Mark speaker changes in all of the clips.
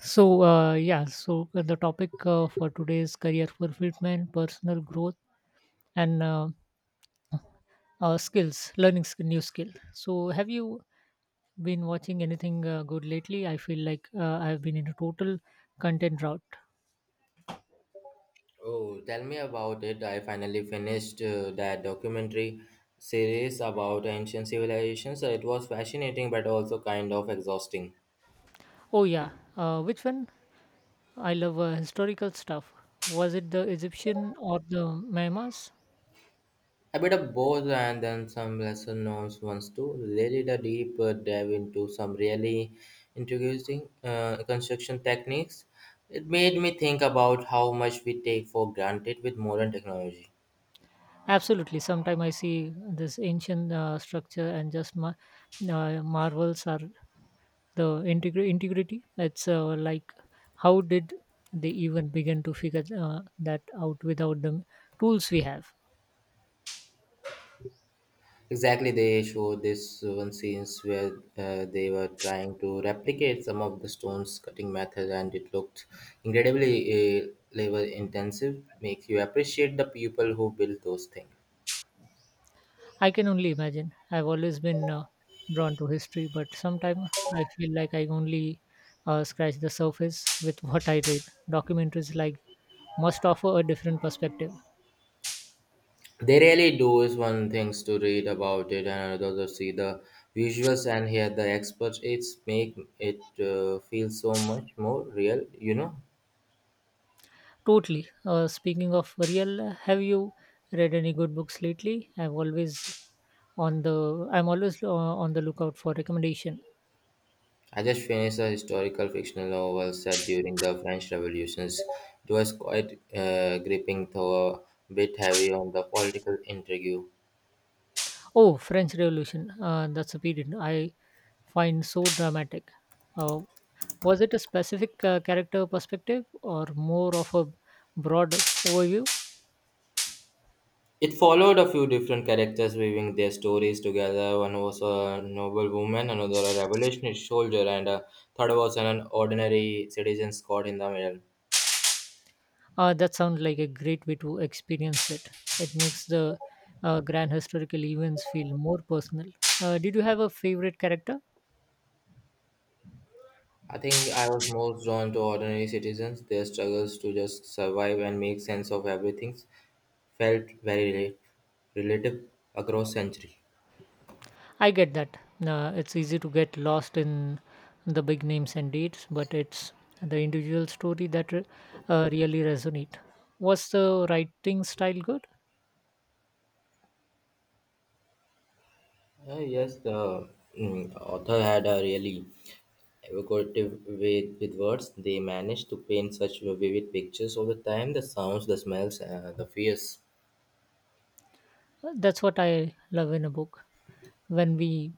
Speaker 1: Yeah, so the topic for today is career fulfillment, personal growth, and skills, learning new skill. So, have you been watching anything good lately? I feel like I've been in a total content drought.
Speaker 2: Oh, tell me about it. I finally finished that documentary series about ancient civilizations. It was fascinating but also kind of exhausting.
Speaker 1: Oh yeah, which one? I love historical stuff. Was it the Egyptian or the Maymas?
Speaker 2: A bit of both, and then some lesser known ones too. They did a deep dive into some really intriguing construction techniques. It made me think about how much we take for granted with modern technology.
Speaker 1: Absolutely. Sometimes I see this ancient structure and just marvels are the integrity. It's like, how did they even begin to figure that out without the tools we have.
Speaker 2: Exactly, they showed this one scenes where they were trying to replicate some of the stones cutting method, and it looked incredibly labor intensive. Makes you appreciate the people who built those things.
Speaker 1: I can only imagine. I've always been drawn to history, but sometimes I feel like I only scratch the surface with what I read. Documentaries like must offer a different perspective.
Speaker 2: They really do is one things to read about it, and another to see the visuals and hear the experts. It's make it feel so much more real, you know.
Speaker 1: Totally. Speaking of real, have you read any good books lately? On the I'm always on the lookout for recommendation.
Speaker 2: I just finished a historical fictional novel set during the French Revolutions. It was quite gripping, though a bit heavy on the political intrigue.
Speaker 1: Oh, French Revolution. That's a period I find so dramatic. Uh, was it a specific character perspective or more of a broad overview?
Speaker 2: It followed a few different characters weaving their stories together. One was a noble woman, another a revolutionary soldier, and a third was an ordinary citizen caught in the middle.
Speaker 1: That sounds like a great way to experience it. It makes the grand historical events feel more personal. Did you have a favorite character?
Speaker 2: I think I was most drawn to ordinary citizens. Their struggles to just survive and make sense of everything felt very relative across century.
Speaker 1: I get that. It's easy to get lost in the big names and dates, but it's the individual story that really resonate. Was the writing style good?
Speaker 2: Yes, the author had a really evocative way with words. They managed to paint such vivid pictures over time. The sounds, the smells, the fears.
Speaker 1: That's what I love in a book. When we,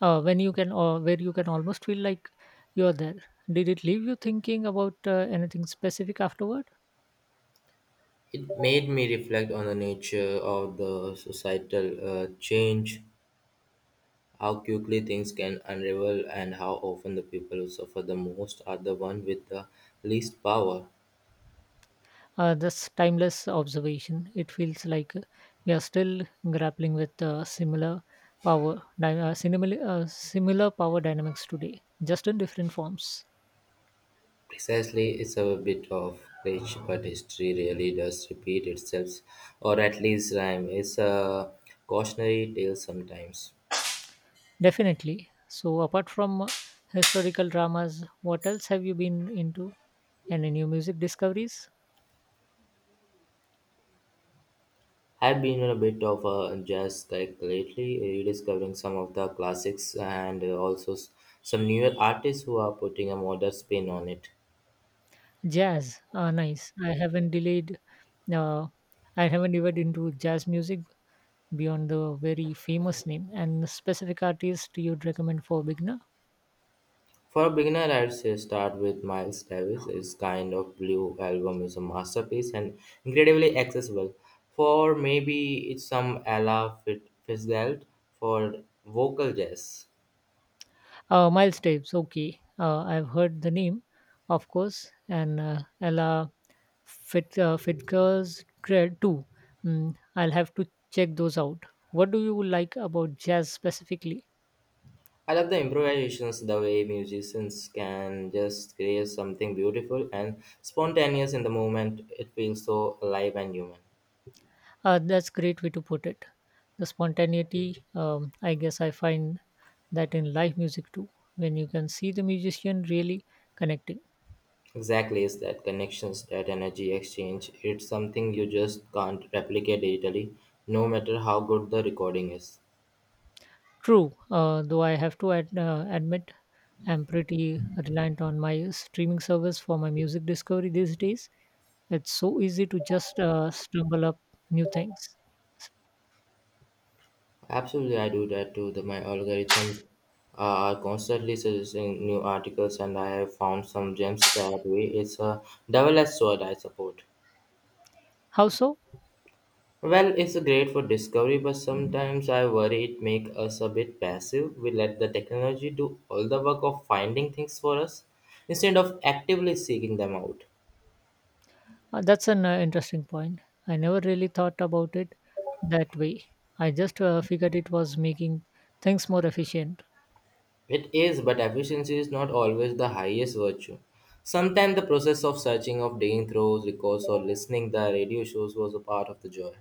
Speaker 1: when you can, or where you can almost feel like you're there. Did it leave you thinking about anything specific afterward?
Speaker 2: It made me reflect on the nature of the societal change. How quickly things can unravel and how often the people who suffer the most are the one with the least power.
Speaker 1: This timeless observation, it feels like we are still grappling with similar similar power dynamics today, just in different forms.
Speaker 2: Precisely, it's a bit of glitch, but history really does repeat itself, or at least rhyme. It's a cautionary tale sometimes.
Speaker 1: Definitely. So, apart from historical dramas, what else have you been into? And any new music discoveries?
Speaker 2: I've been on a bit of a jazz kick lately, rediscovering some of the classics and also some newer artists who are putting a modern spin on it.
Speaker 1: Jazz. Ah, nice. I haven't delayed. Uh, I haven't dived into jazz music beyond the very famous name. And specific artist you'd recommend for beginner?
Speaker 2: For a beginner, I'd say start with Miles Davis. His kind of blue album is a masterpiece and incredibly accessible. For maybe it's some Ella Fitzgerald for vocal jazz.
Speaker 1: Miles Davis, okay. I've heard the name, of course, and Ella Fitker's Dread too. Mm, I'll have to check those out. What do you like about jazz specifically?
Speaker 2: I love the improvisations, the way musicians can just create something beautiful and spontaneous in the moment. It feels so alive and human.
Speaker 1: That's great way to put it. The spontaneity, I guess I find that in live music too, when you can see the musician really connecting.
Speaker 2: Exactly, is that connections, that energy exchange. It's something you just can't replicate digitally, no matter how good the recording is.
Speaker 1: True, though I have to admit I'm pretty reliant on my streaming service for my music discovery these days. It's so easy to just stumble up new things.
Speaker 2: Absolutely, I do that too. The, my algorithms are constantly suggesting new articles, and I have found some gems that way. It's a double-edged sword, I support.
Speaker 1: How so?
Speaker 2: Well, it's great for discovery, but sometimes I worry it makes us a bit passive. We let the technology do all the work of finding things for us instead of actively seeking them out.
Speaker 1: That's an interesting point. I never really thought about it that way. I just figured it was making things more efficient.
Speaker 2: It is, but efficiency is not always the highest virtue. Sometimes the process of searching, of digging through records, or listening the radio shows was a part of the joy.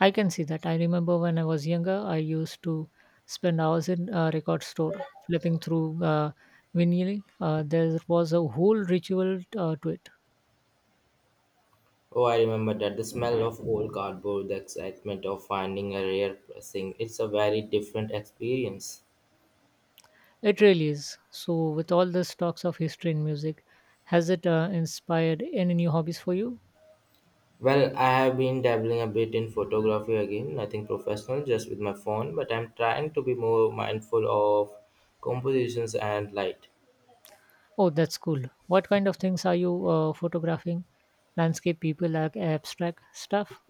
Speaker 1: I can see that. I remember when I was younger, I used to spend hours in a record store flipping through vinyl. There was a whole ritual to it.
Speaker 2: Oh, I remember that the smell of old cardboard, the excitement of finding a rare pressing. It's a very different experience.
Speaker 1: It really is. So, with all the stocks of history and music, has it inspired any new hobbies for you?
Speaker 2: Well, I have been dabbling a bit in photography again, nothing professional, just with my phone, but I'm trying to be more mindful of compositions and light.
Speaker 1: Oh, that's cool. What kind of things are you photographing? Landscape, people, like abstract stuff?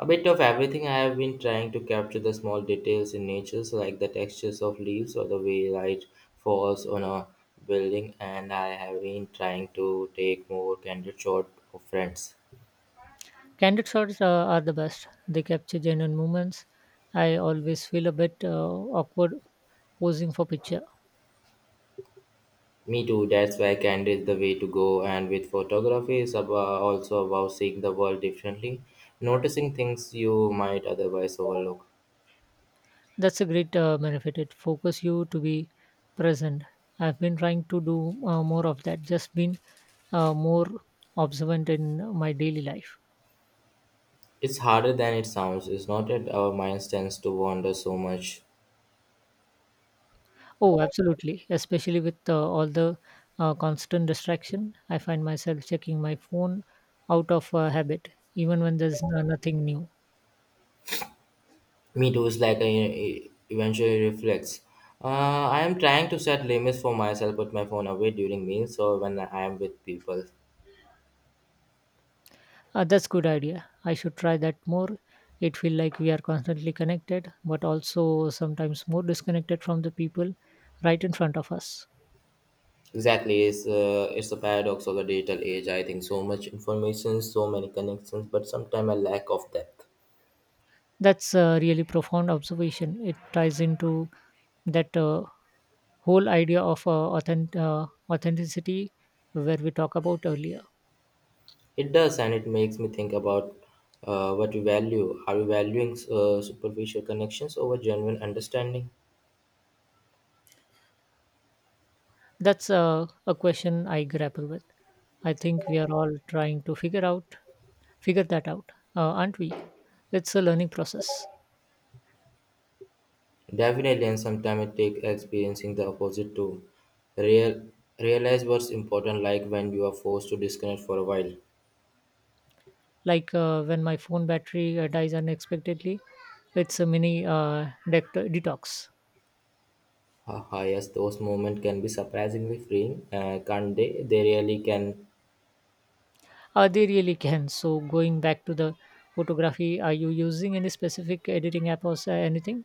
Speaker 2: A bit of everything I have been trying to capture the small details in nature, so like the textures of leaves or the way light falls on a building, and I have been trying to take more candid shots of friends.
Speaker 1: Candid shots are the best. They capture genuine moments. I always feel a bit awkward posing for picture.
Speaker 2: Me too, that's why candor is the way to go, and with photography, it's about, also about seeing the world differently, noticing things you might otherwise overlook.
Speaker 1: That's a great benefit. It focuses you to be present. I've been trying to do more of that. Just been more observant in my daily life.
Speaker 2: It's harder than it sounds, it's not that our minds tends to wander so much.
Speaker 1: Oh, absolutely. Especially with all the constant distraction, I find myself checking my phone out of habit, even when there's nothing new.
Speaker 2: Me too is like a, eventually reflects. Uh, I am trying to set limits for myself, put my phone away during meals or when I am with people.
Speaker 1: That's good idea. I should try that more. It feel like we are constantly connected, but also sometimes more disconnected from the people right in front of us.
Speaker 2: Exactly, it's a paradox of the digital age. I think so much information, so many connections, but sometimes a lack of depth.
Speaker 1: That's a really profound observation. It ties into that whole idea of authenticity where we talk about earlier.
Speaker 2: It does, and it makes me think about what we value. Are we valuing superficial connections over genuine understanding?
Speaker 1: That's a question I grapple with. I think we are all trying to figure that out, aren't we? It's a learning process.
Speaker 2: Definitely, and sometimes it takes experiencing the opposite to real, realize what's important, like when you are forced to disconnect for a while.
Speaker 1: Like when my phone battery dies unexpectedly, it's a mini detox.
Speaker 2: Haha, yes, those moments can be surprisingly freeing, can't they? They really can.
Speaker 1: They really can so going back to the photography, are you using any specific editing app or anything?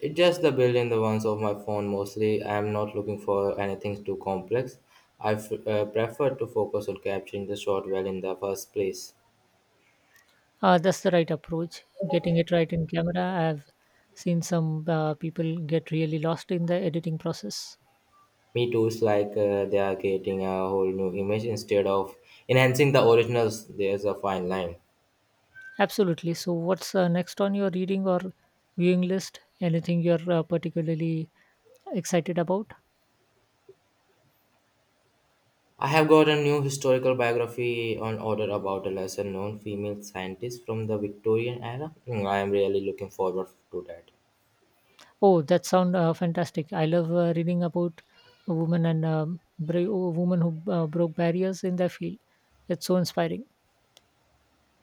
Speaker 2: It's just the built-in the ones of my phone mostly. I am not looking for anything too complex. I prefer to focus on capturing the shot well in the first place.
Speaker 1: That's the right approach, getting it right in camera. I've seen some people get really lost in the editing process.
Speaker 2: Me too is like they are creating a whole new image instead of enhancing the originals. There's a fine line.
Speaker 1: Absolutely. So what's next on your reading or viewing list, anything you're particularly excited about?
Speaker 2: I have got a new historical biography on order about a lesser known female scientist from the Victorian era. Mm, I am really looking forward to that.
Speaker 1: Oh, that sound fantastic. I love reading about a woman and brave woman who broke barriers in their field. It's so inspiring.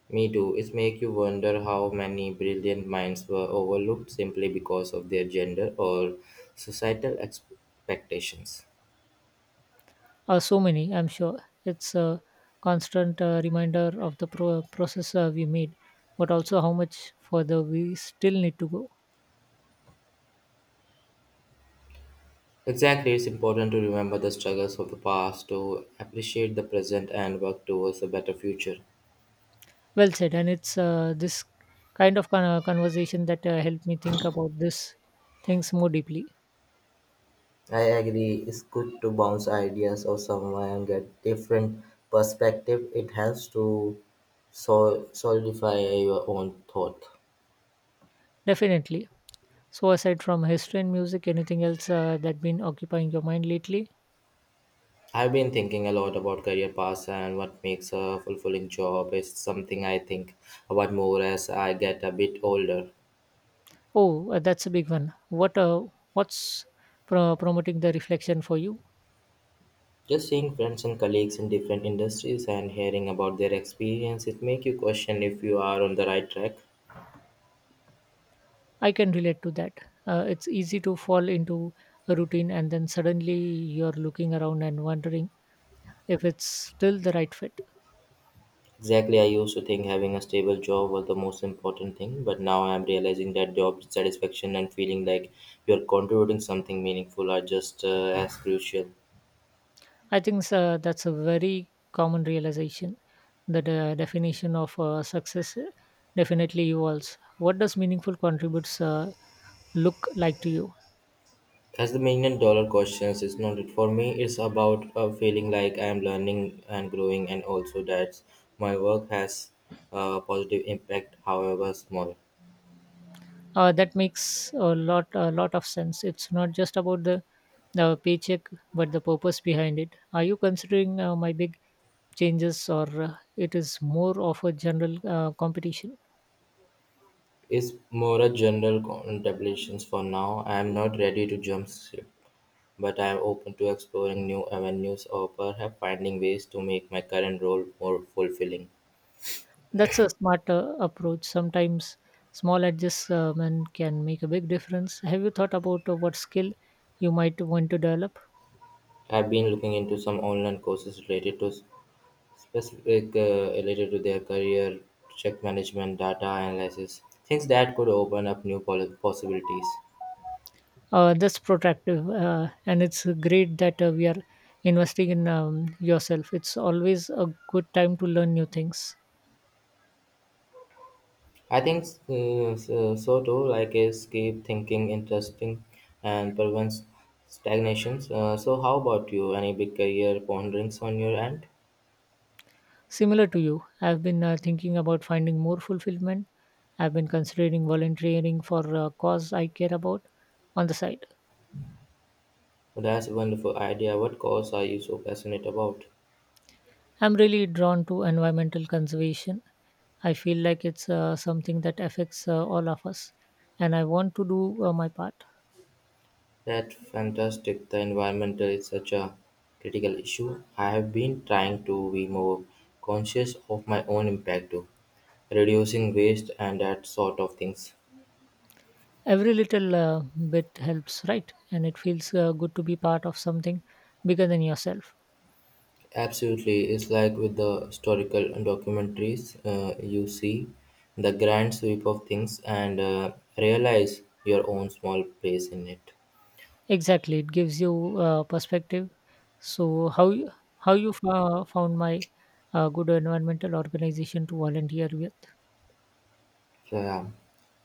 Speaker 2: Me too. It makes you wonder how many brilliant minds were overlooked simply because of their gender or societal expectations.
Speaker 1: So many, I'm sure. It's a constant reminder of the process we made, but also how much further we still need to go.
Speaker 2: Exactly, it's important to remember the struggles of the past, to appreciate the present, and work towards a better future.
Speaker 1: Well said. And it's this kind of conversation that helped me think about this things more deeply.
Speaker 2: I agree. It's good to bounce ideas off someone and get different perspective. It helps to solidify your own thought.
Speaker 1: Definitely. So aside from history and music, anything else that been occupying your mind lately?
Speaker 2: I've been thinking a lot about career paths and what makes a fulfilling job is something I think about more as I get a bit older.
Speaker 1: Oh, that's a big one. What's promoting the reflection for you?
Speaker 2: Just seeing friends and colleagues in different industries and hearing about their experience, it make you question if you are on the right track.
Speaker 1: I can relate to that. It's easy to fall into a routine and then suddenly you're looking around and wondering if it's still the right fit.
Speaker 2: Exactly, I used to think having a stable job was the most important thing, but now I'm realizing that job satisfaction and feeling like you're contributing something meaningful are just as crucial.
Speaker 1: I think that's a very common realization. The definition of success definitely evolves. What does meaningful contributes look like to you?
Speaker 2: As the million dollar questions isn't it? For me, it's about feeling like I'm learning and growing, and also that my work has a positive impact, however small.
Speaker 1: That makes a lot of sense. It's not just about the paycheck, but the purpose behind it. Are you considering my big changes, or it is more of a general competition?
Speaker 2: It's more a general contemplations for now. I'm not ready to jump ship, but I'm open to exploring new avenues or perhaps finding ways to make my current role more fulfilling.
Speaker 1: That's a smart approach. Sometimes small adjustment can make a big difference. Have you thought about what skill you might want to develop?
Speaker 2: I've been looking into some online courses related to specific like, related to their career, check management, data analysis, things that could open up new possibilities.
Speaker 1: That's protractive, and it's great that we are investing in yourself. It's always a good time to learn new things.
Speaker 2: I think so too, like is keep thinking interesting and prevents stagnations. So how about you? Any big career ponderings on your end?
Speaker 1: Similar to you, I've been thinking about finding more fulfillment. I've been considering volunteering for a cause I care about on the side.
Speaker 2: That's a wonderful idea. What cause are you so passionate about?
Speaker 1: I'm really drawn to environmental conservation. I feel like it's something that affects all of us, and I want to do my part.
Speaker 2: That's fantastic. The environment is such a critical issue. I have been trying to be more conscious of my own impact too, reducing waste and that sort of things.
Speaker 1: Every little bit helps, right? And it feels good to be part of something bigger than yourself.
Speaker 2: Absolutely, it's like with the historical documentaries you see the grand sweep of things and realize your own small place in it.
Speaker 1: Exactly, it gives you perspective. So how you found my good environmental organization to volunteer with?
Speaker 2: So, yeah,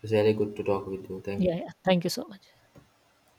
Speaker 2: it's really good to talk with you. Thank you.
Speaker 1: Yeah, yeah. Thank you so much.